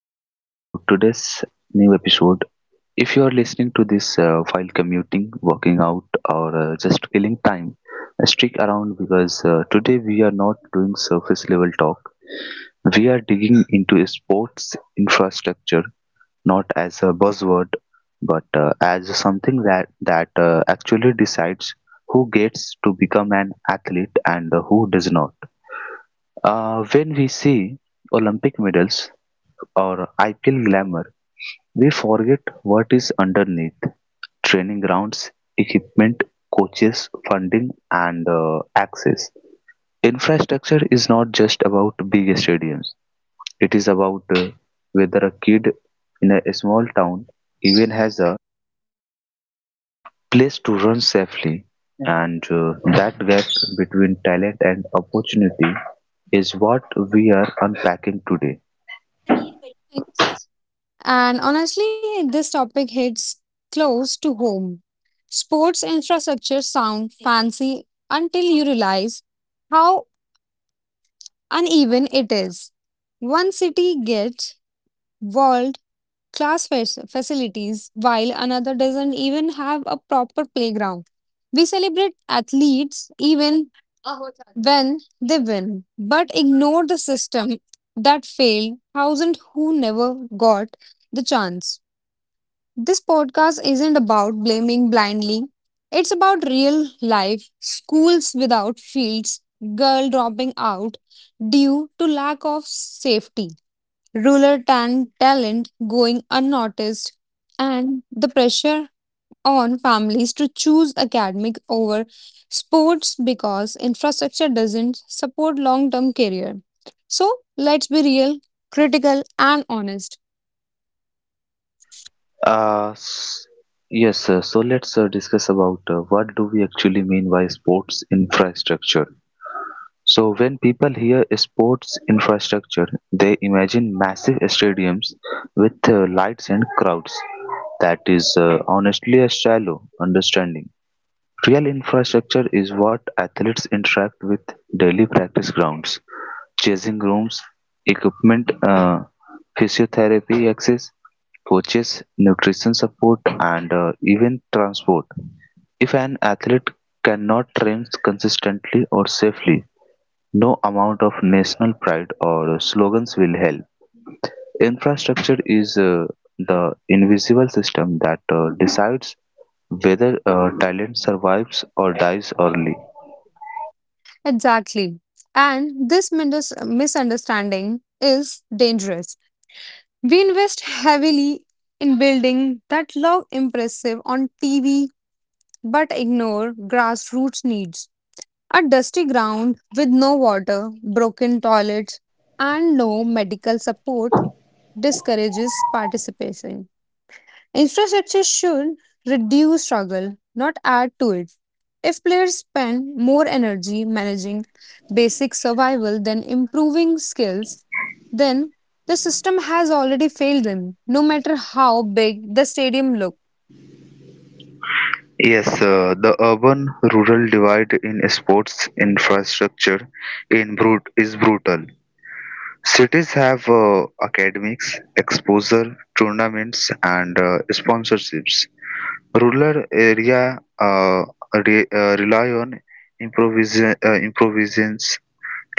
everyone to today's new episode. If you are listening to this while commuting, working out, or just killing time, stick around because today we are not doing surface level talk. We are digging into sports infrastructure, not as a buzzword, but as something that actually decides who gets to become an athlete and who does not. When we see Olympic medals or IPL glamour, they forget what is underneath: training grounds, equipment, coaches, funding, and access. Infrastructure is not just about big stadiums, it is about whether a kid in a small town even has a place to run safely, and that gap between talent and opportunity is what we are unpacking today. Thanks. And honestly, this topic hits close to home. Sports infrastructure sound fancy until you realize how uneven it is. One city gets world class facilities while another doesn't even have a proper playground. We celebrate athletes even when they win, but ignore the system that failed thousands who never got the chance. This podcast isn't about blaming blindly. It's about real life, schools without fields, girl dropping out due to lack of safety, rural talent going unnoticed, and the pressure on families to choose academic over sports because infrastructure doesn't support long-term career. So, let's be real, critical and honest. Uh, s- yes, sir. So let's discuss about what do we actually mean by sports infrastructure. So when people hear sports infrastructure, they imagine massive stadiums with lights and crowds. That is honestly a shallow understanding. Real infrastructure is what athletes interact with daily practice grounds, changing rooms, equipment, physiotherapy access, coaches, nutrition support, and even transport. If an athlete cannot train consistently or safely, no amount of national pride or slogans will help. Infrastructure is the invisible system that decides whether a talent survives or dies early. Exactly. And this misunderstanding is dangerous. We invest heavily in building that look impressive on TV but ignore grassroots needs. A dusty ground with no water, broken toilets, and no medical support discourages participation. Infrastructure should reduce struggle, not add to it. If players spend more energy managing basic survival than improving skills, then the system has already failed them, no matter how big the stadium looks. Yes, the urban rural divide in sports infrastructure is brutal. Cities have academics, exposure, tournaments, and sponsorships. Rural area rely on improvisations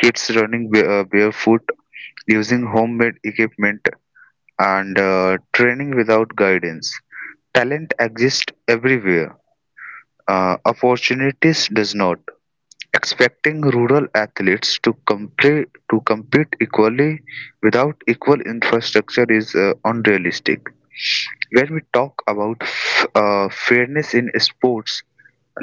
kids running barefoot, using homemade equipment, and training without guidance. Talent exists everywhere. Opportunities does not. Expecting rural athletes to compete equally without equal infrastructure is unrealistic. When we talk about fairness in sports,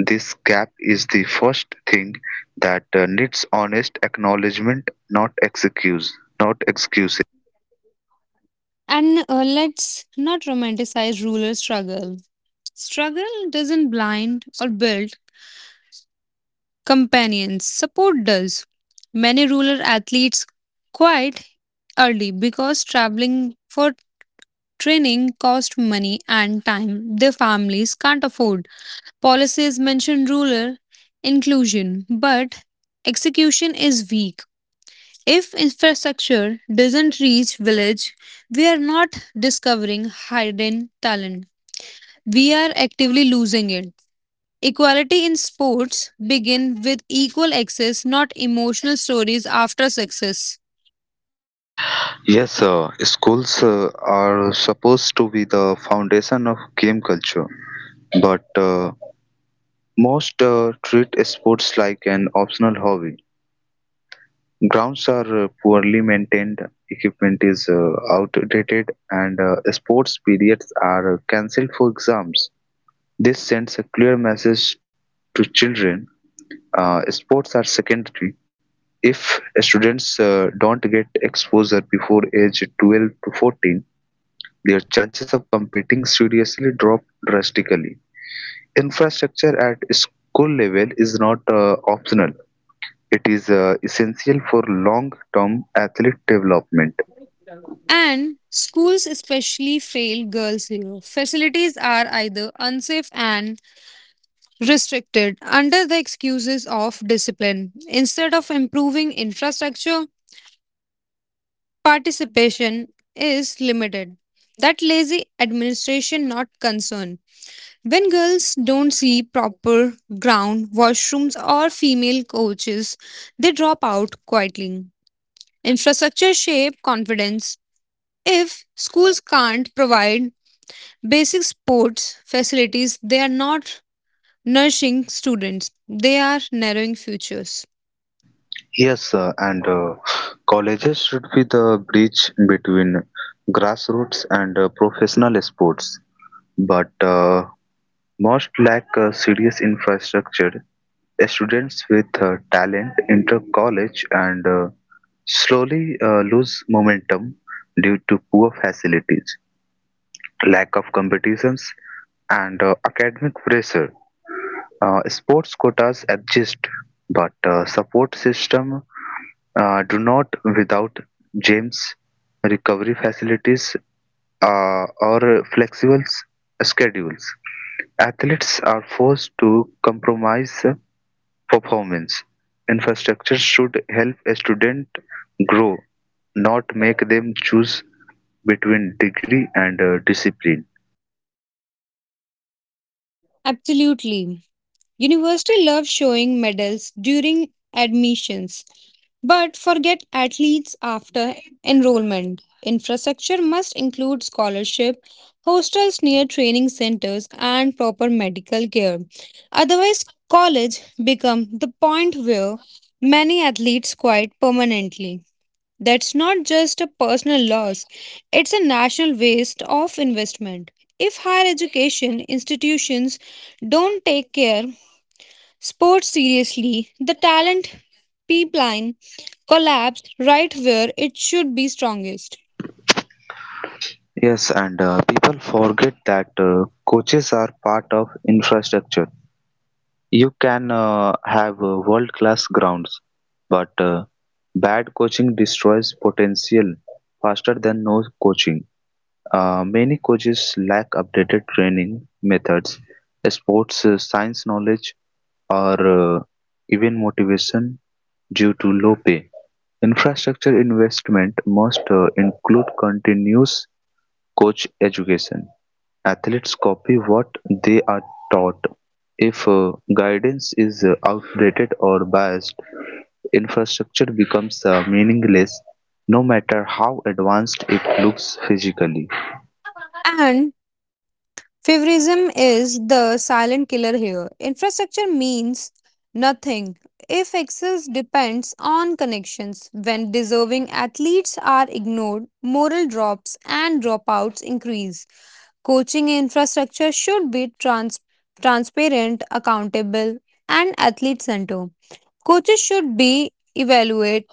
this gap is the first thing that needs honest acknowledgement, not excuse. And Let's not romanticize rural struggle. Struggle doesn't blind or build companions, support does. Many rural athletes quite early because traveling for training costs money and time their families can't afford. Policies mention rural inclusion, but execution is weak. If infrastructure doesn't reach village, we are not discovering hidden talent. We are actively losing it. Equality in sports begin with equal access, not emotional stories after success. Yes, schools are supposed to be the foundation of game culture, but most treat sports like an optional hobby. Grounds are poorly maintained, equipment is outdated, and sports periods are cancelled for exams. This sends a clear message to children sports are secondary. If students don't get exposure before age 12 to 14, their chances of competing seriously drop drastically. Infrastructure at school level is not optional. It is essential for long-term athlete development. And schools especially fail girls here. Facilities are either unsafe and restricted under the excuses of discipline. Instead of improving infrastructure, participation is limited. That lazy administration, not concern. When girls don't see proper ground, washrooms, or female coaches, they drop out quietly. Infrastructure shape confidence. If schools can't provide basic sports facilities, they are not nourishing students. They are narrowing futures. Yes, and colleges should be the bridge between grassroots and professional sports, but most lack serious infrastructure. Students with talent enter college and slowly lose momentum due to poor facilities, lack of competitions, and academic pressure. Sports quotas exist, but support system do not without gyms, recovery facilities, or schedules. Athletes are forced to compromise performance. Infrastructure should help a student grow, not make them choose between degree and discipline. Absolutely. University love showing medals during admissions, but forget athletes after enrollment. Infrastructure must include scholarship, hostels near training centers, and proper medical care. Otherwise, college become the point where many athletes quit permanently. That's not just a personal loss, it's a national waste of investment. If higher education institutions don't take care sports seriously, the talent pipeline collapse right where it should be strongest. Yes, and people forget that coaches are part of infrastructure. You can have world-class grounds, but bad coaching destroys potential faster than no coaching. Many coaches lack updated training methods, sports science knowledge, or even motivation due to low pay. Infrastructure investment must include continuous coach education. Athletes copy what they are taught; if guidance is outdated or biased, infrastructure becomes meaningless, no matter how advanced it looks physically. And Favorism is the silent killer here. Infrastructure means nothing if access depends on connections. When deserving athletes are ignored, moral drops and dropouts increase. Coaching infrastructure should be transparent, accountable, and athlete centered. Coaches should be evaluated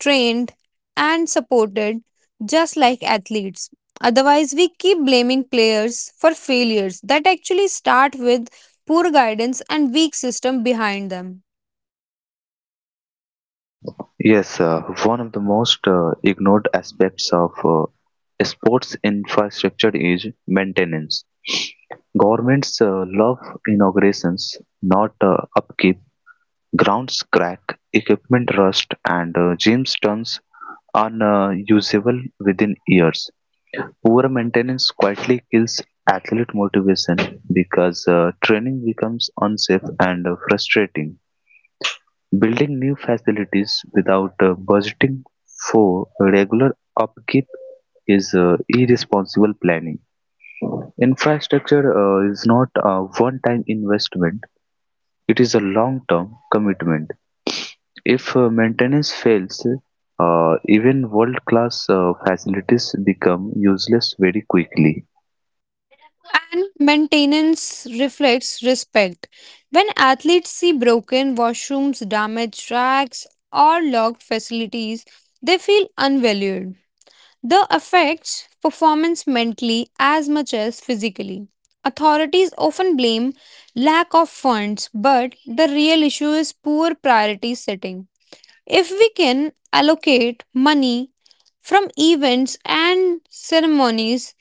trained, and supported just like athletes. Otherwise, we keep blaming players for failures that actually start with poor guidance and weak system behind them. Yes, one of the most ignored aspects of sports infrastructure is maintenance. Governments love inaugurations, not upkeep. Grounds crack, equipment rust, and gyms turns unusable within years. Poor maintenance quietly kills athlete motivation because training becomes unsafe and frustrating. Building new facilities without budgeting for regular upkeep is irresponsible planning. Infrastructure is not a one time investment, it is a long term commitment. If maintenance fails, even world-class facilities become useless very quickly. And maintenance reflects respect. When athletes see broken washrooms, damaged tracks, or locked facilities, they feel unvalued. The affects performance mentally as much as physically. Authorities often blame lack of funds, but the real issue is poor priority setting. If we can allocate money from events and ceremonies,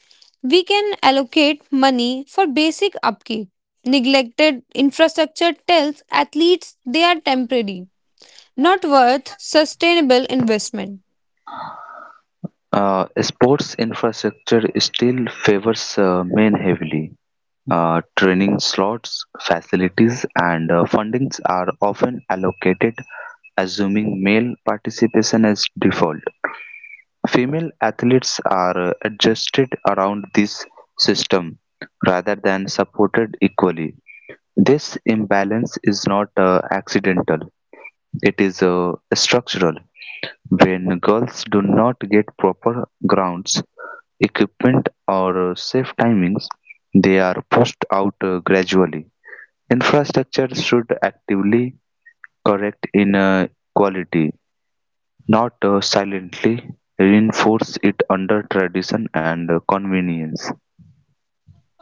we can allocate money for basic upkeep. Neglected infrastructure tells athletes they are temporary, not worth sustainable investment. Sports infrastructure still favors men heavily. Training slots, facilities, and fundings are often allocated, assuming male participation as default. Female athletes are adjusted around this system rather than supported equally. This imbalance is not accidental, it is structural. When girls do not get proper grounds, equipment, or safe timings, they are pushed out gradually. Infrastructure should actively correct inequality, not silently reinforce it under tradition and convenience.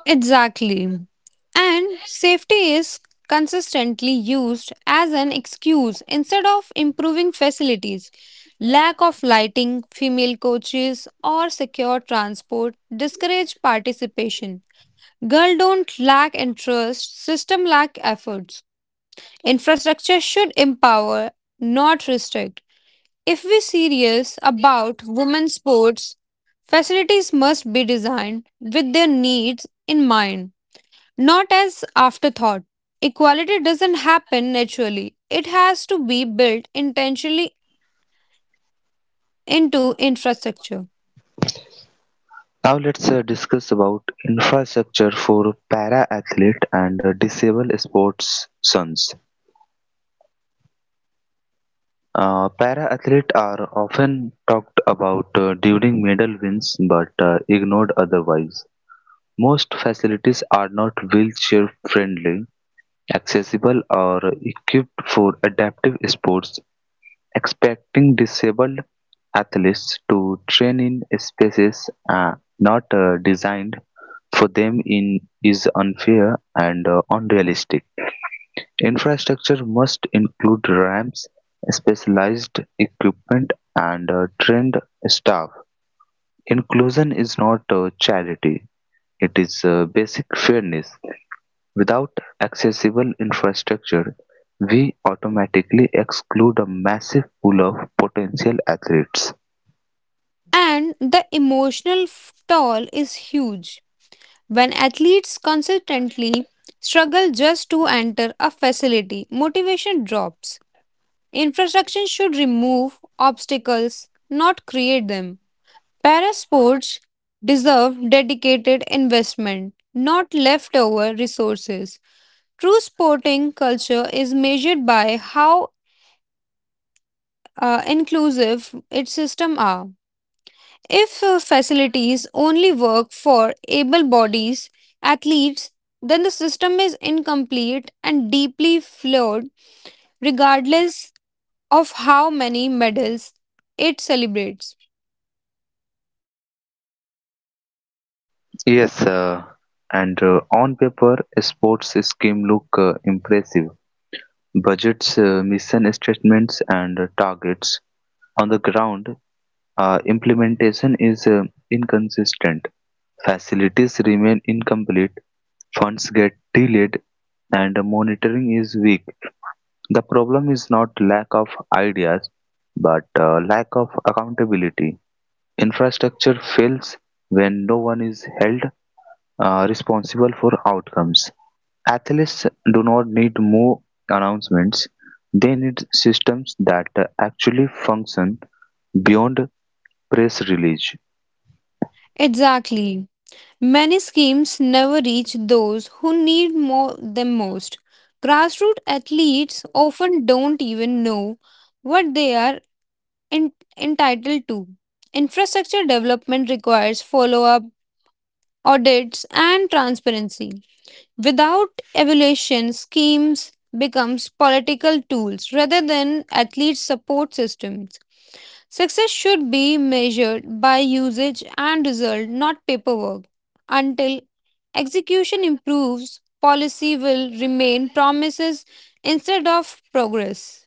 Exactly. And safety is consistently used as an excuse instead of improving facilities. Lack of lighting, female coaches, or secure transport discourage participation. Girl don't lack interest, system lack efforts. Infrastructure should empower, not restrict. If we're serious about women's sports, facilities must be designed with their needs in mind. Not as afterthought. Equality doesn't happen naturally. It has to be built intentionally into infrastructure. Now let's discuss about infrastructure for para-athlete and disabled sportsons. Para-athletes are often talked about during medal wins but ignored otherwise. Most facilities are not wheelchair friendly, accessible or equipped for adaptive sports. Expecting disabled athletes to train in spaces not designed for them in is unfair and unrealistic. Infrastructure must include ramps, specialized equipment, and trained staff. Inclusion is not a charity, it is a basic fairness. Without accessible infrastructure, we automatically exclude a massive pool of potential athletes. And the emotional toll is huge. When athletes consistently struggle just to enter a facility, motivation drops. Infrastructure should remove obstacles, not create them. Para sports deserve dedicated investment, not leftover resources. True sporting culture is measured by how inclusive its system are. If facilities only work for able bodies, athletes, then the system is incomplete and deeply flawed, regardless of how many medals it celebrates. Yes, and on paper, sports scheme look impressive. Budgets, mission statements, and targets. On the ground, implementation is inconsistent. Facilities remain incomplete, funds get delayed, and monitoring is weak. The problem is not lack of ideas, but lack of accountability. Infrastructure fails when no one is held responsible for outcomes. Athletes do not need more announcements, they need systems that actually function beyond press release. Exactly. Many schemes never reach those who need more them most. Grassroots athletes often don't even know what they are en- entitled to. Infrastructure development requires follow up, audits, and transparency. Without evaluation, schemes becomes political tools rather than athlete support systems. Success should be measured by usage and result, not paperwork. Until execution improves, policy will remain promises instead of progress.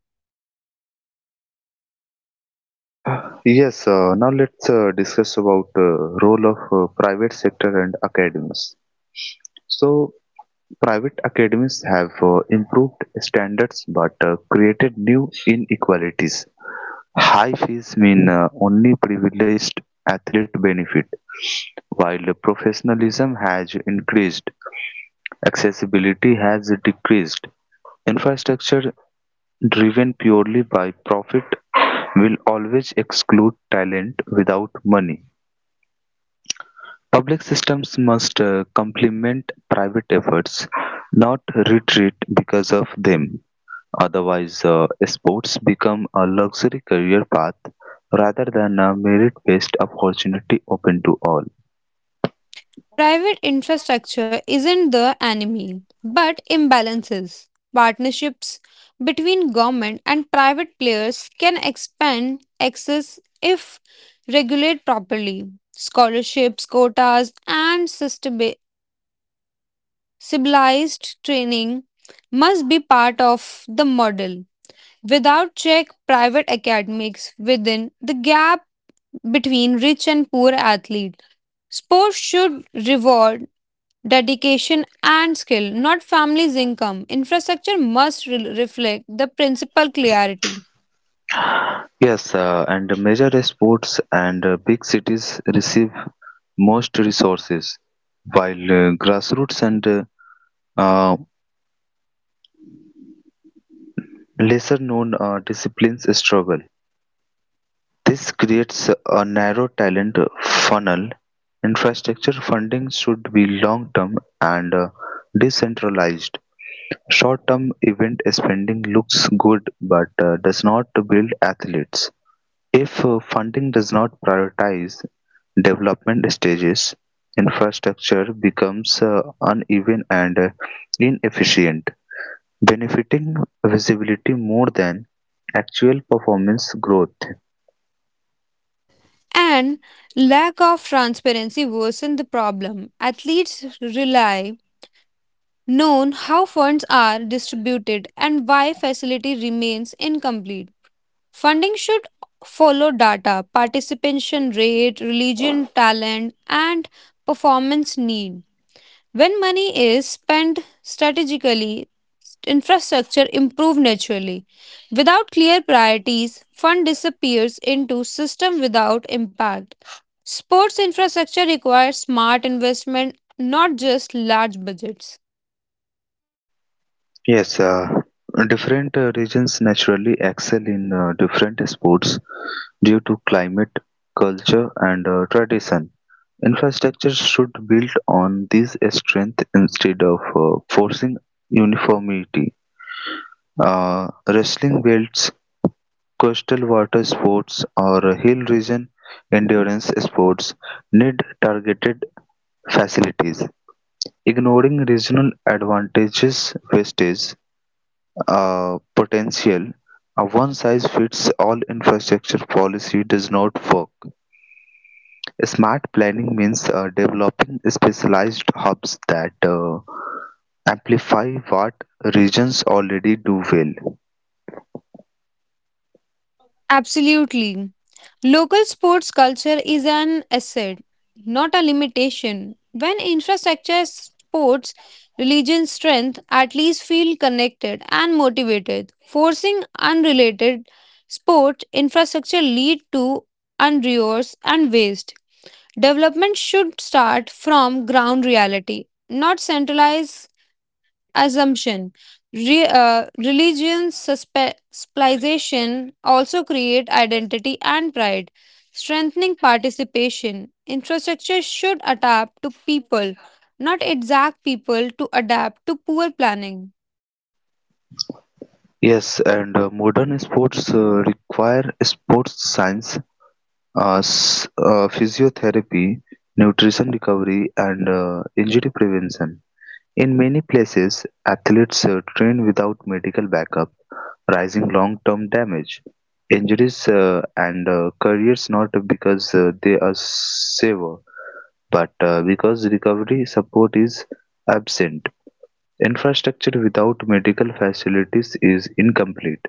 Yes, now let's discuss about role of private sector and academies. So private academies have improved standards but created new inequalities. High fees mean only privileged athletes benefit, while professionalism has increased, accessibility has decreased. Infrastructure driven purely by profit will always exclude talent without money. Public systems must complement private efforts, not retreat because of them. Otherwise, sports become a luxury career path rather than a merit based opportunity open to all. Private infrastructure isn't the enemy, but imbalances. Partnerships between government and private players can expand access if regulated properly. Scholarships, quotas, and civilized training must be part of the model. Without check, private academics within the gap between rich and poor athletes. Sports should reward dedication, and skill, not family's income. Infrastructure must reflect the principal clarity. Yes, and major sports and big cities receive most resources, while grassroots and uh, lesser known disciplines struggle. This creates a narrow talent funnel. Infrastructure funding should be long term and decentralized. Short-term event spending looks good but does not build athletes if funding does not prioritize development stages. Infrastructure becomes uneven and inefficient, benefiting visibility more than actual performance growth. And lack of transparency worsen the problem. Athletes rely known how funds are distributed and why facility remains incomplete. Funding should follow data, participation rate, religion, talent, and performance need. When money is spent strategically, infrastructure improves naturally. Without clear priorities, fund disappears into system without impact. Sports infrastructure requires smart investment, not just large budgets. Yes, different regions naturally excel in different sports, due to climate, culture and tradition, infrastructure should build on these strengths instead of forcing uniformity. Wrestling belts, coastal water sports or hill region endurance sports need targeted facilities. Ignoring regional advantages wastes potential, a one size fits all infrastructure policy does not work. Smart planning means developing specialized hubs that amplify what regions already do well. Absolutely. Local sports culture is an asset, not a limitation. When infrastructure sports, religion strength at least feel connected and motivated. Forcing unrelated sport infrastructure lead to unresource and waste. Development should start from ground reality, not centralized assumption. Religion's specialization also create identity and pride, strengthening participation. Infrastructure should adapt to people, not exact people to adapt to poor planning. Yes, and modern sports require sports science, physiotherapy, nutrition recovery, and injury prevention. In many places, athletes train without medical backup, risking long-term damage, injuries, and careers not because they are safer, but because recovery support is absent. Infrastructure without medical facilities is incomplete.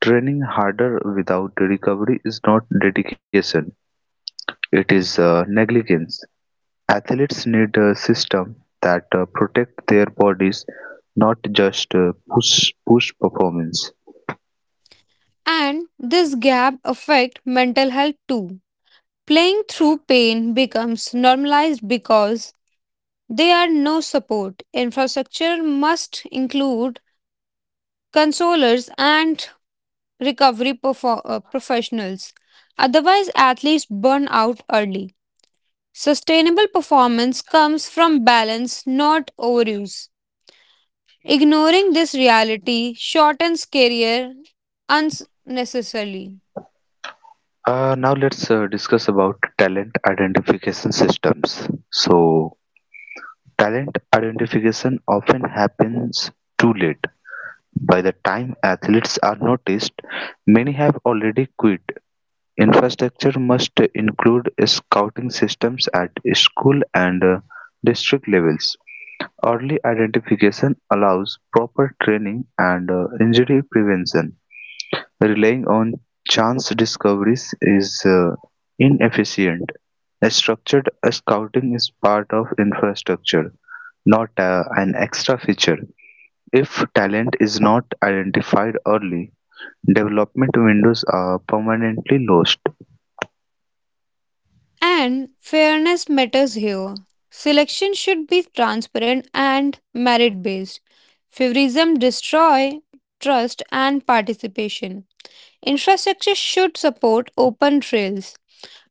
Training harder without recovery is not dedication; it is negligence. Athletes need a system that protects their bodies, not just push performance. And this gap affect mental health too. Playing through pain becomes normalized because there are no support. Infrastructure must include consolers and recovery professionals. Otherwise, athletes burn out early. Sustainable performance comes from balance, not overuse. Ignoring this reality shortens career unnecessarily. Now let's discuss about talent identification systems. So talent identification often happens too late. By the time athletes are noticed, many have already quit. Infrastructure must include scouting systems at school and district levels. Early identification allows proper training and injury prevention; relying on chance discoveries is inefficient. A structured scouting is part of infrastructure, not an extra feature. If talent is not identified early, development windows are permanently lost. And fairness matters here. Selection should be transparent and merit based. Favorism destroy trust and participation. Infrastructure should support open trails,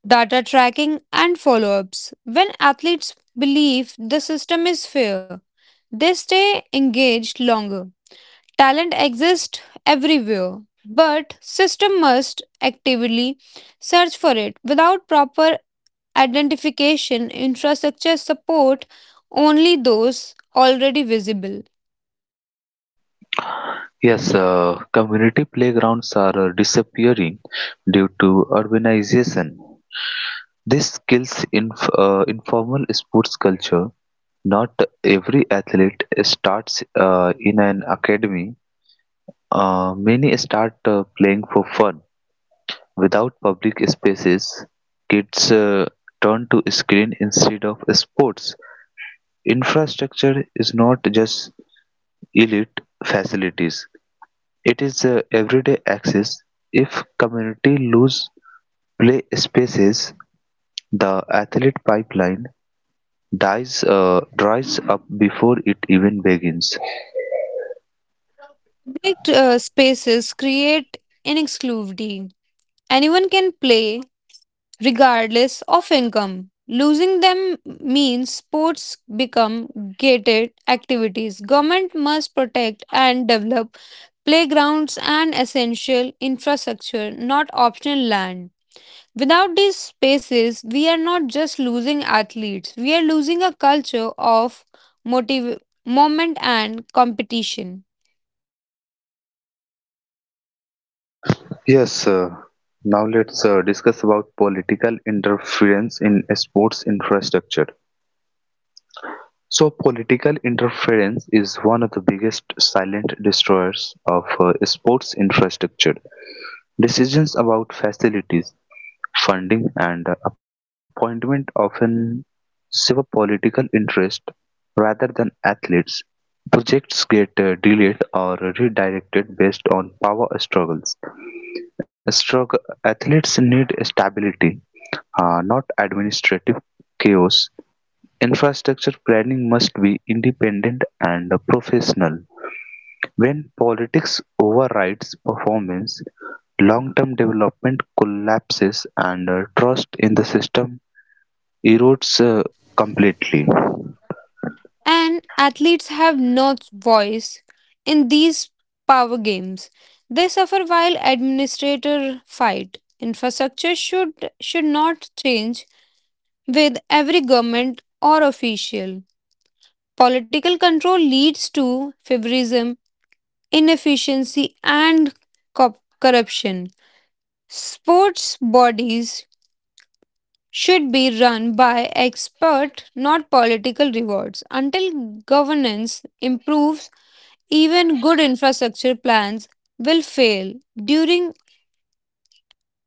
data tracking and follow-ups. When athletes believe the system is fair, they stay engaged longer. Talent exists everywhere, but system must actively search for it without proper identification, infrastructure support only those already visible. Yes, community playgrounds are disappearing due to urbanization. This kills informal sports culture. Not every athlete starts in an academy. Many start playing for fun. Without public spaces, kids turn to screen instead of sports. Infrastructure is not just elite facilities, it is everyday access. If community lose play spaces, the athlete pipeline dries up before it even begins. Public spaces create inexclusivity. Anyone can play regardless of income. Losing them means sports become gated activities. Government must protect and develop playgrounds and essential infrastructure, not optional land. Without these spaces, we are not just losing athletes, we are losing a culture of motiv- moment and competition. Yes, now let's discuss about political interference in sports infrastructure. So, political interference is one of the biggest silent destroyers of sports infrastructure. Decisions about facilities, funding and appointment often serve political interest rather than athletes. Projects get delayed or redirected based on power struggles. Struggle, athletes need stability, not administrative chaos. Infrastructure planning must be independent and professional. When politics overrides performance, long-term development collapses and trust in the system erodes completely. And athletes have no voice in these power games. They suffer while administrators fight. Infrastructure should not change with every government or official. Political control leads to favorism, inefficiency, and co- corruption. Sports bodies should be run by expert, not political rewards. Until governance improves, even good infrastructure plans will fail during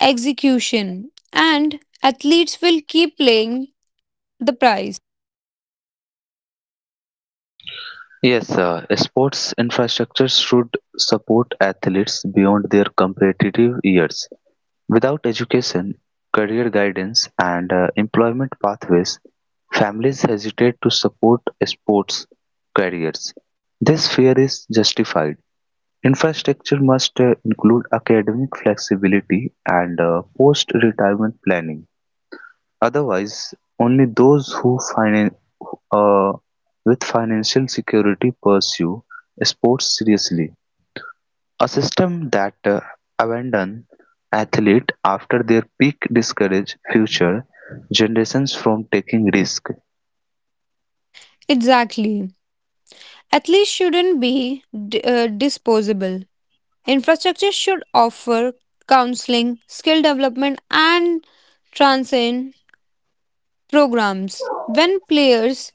execution, and athletes will keep paying the price. Yes, sports infrastructure should support athletes beyond their competitive years. Without education, career guidance, and employment pathways, families hesitate to support sports careers. This fear is justified. Infrastructure must include academic flexibility and post-retirement planning, otherwise only those who uh, with financial security pursue sports seriously. A system that abandons athletes after their peak discourages future generations from taking risk. Exactly. Athletes shouldn't be disposable. Infrastructure should offer counseling, skill development, and transcend programs. When players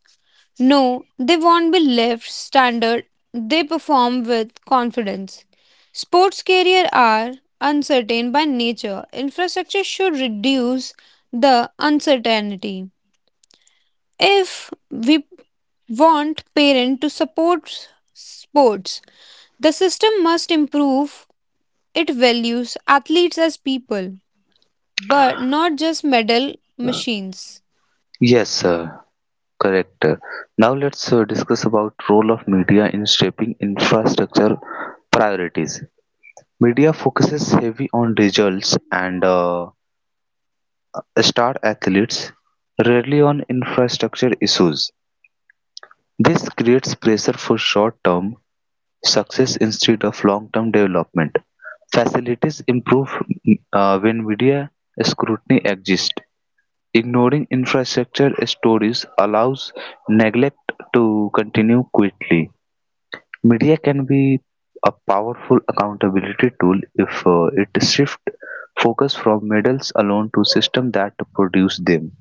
know they won't be left standard, they perform with confidence. Sports careers are uncertain by nature. Infrastructure should reduce the uncertainty. If we want parents to support sports, the system must improve it values athletes as people, but not just medal machines. Yes, sir, correct. Now let's discuss about role of media in shaping infrastructure priorities. Media focuses heavy on results and star athletes, rarely on infrastructure issues. This creates pressure for short term success instead of long term development. Facilities improve when media scrutiny exists. Ignoring infrastructure stories allows neglect to continue quickly. Media can be a powerful accountability tool if it shifts focus from medals alone to systems that produce them.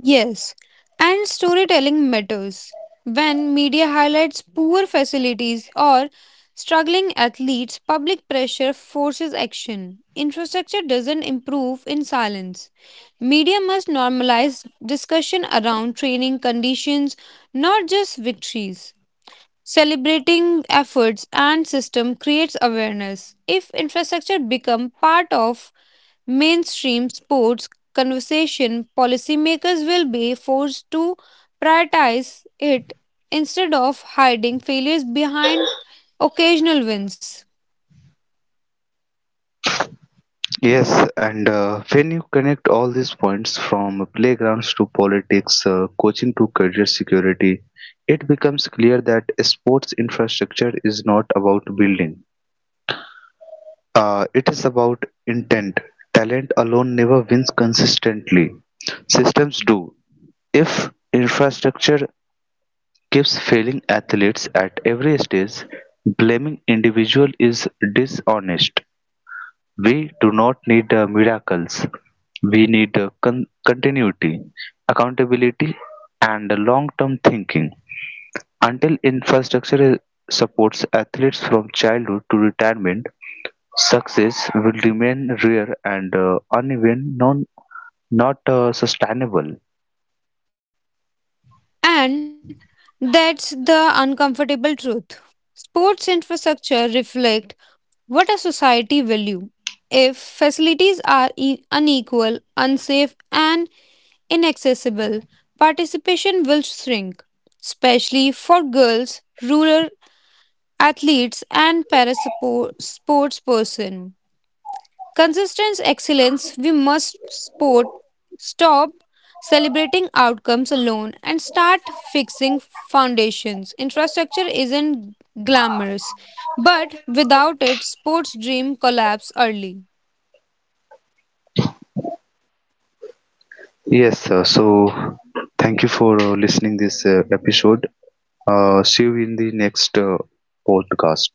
Yes, and storytelling matters. When media highlights poor facilities or struggling athletes, public pressure forces action. Infrastructure doesn't improve in silence. Media must normalize discussion around training conditions, not just victories. Celebrating efforts and system creates awareness. If infrastructure become part of mainstream sports conversation, policymakers will be forced to prioritize it instead of hiding failures behind occasional wins. Yes, and when you connect all these points from playgrounds to politics, coaching to career security, it becomes clear that sports infrastructure is not about building. It is about intent. Talent alone never wins consistently. Systems do. If infrastructure keeps failing athletes at every stage, blaming individual is dishonest. We do not need miracles. We need continuity, accountability, and long-term thinking. Until infrastructure supports athletes from childhood to retirement, success will remain rare and uneven, not sustainable. And that's the uncomfortable truth. Sports infrastructure reflect what a society value. If facilities are unequal, unsafe, and inaccessible, participation will shrink, especially for girls, rural athletes and parasports person. Consistent excellence, we must sport stop celebrating outcomes alone and start fixing foundations. Infrastructure isn't glamorous, but without it, sports dream collapse early. Yes, sir. So thank you for listening this episode. See you in the next podcast.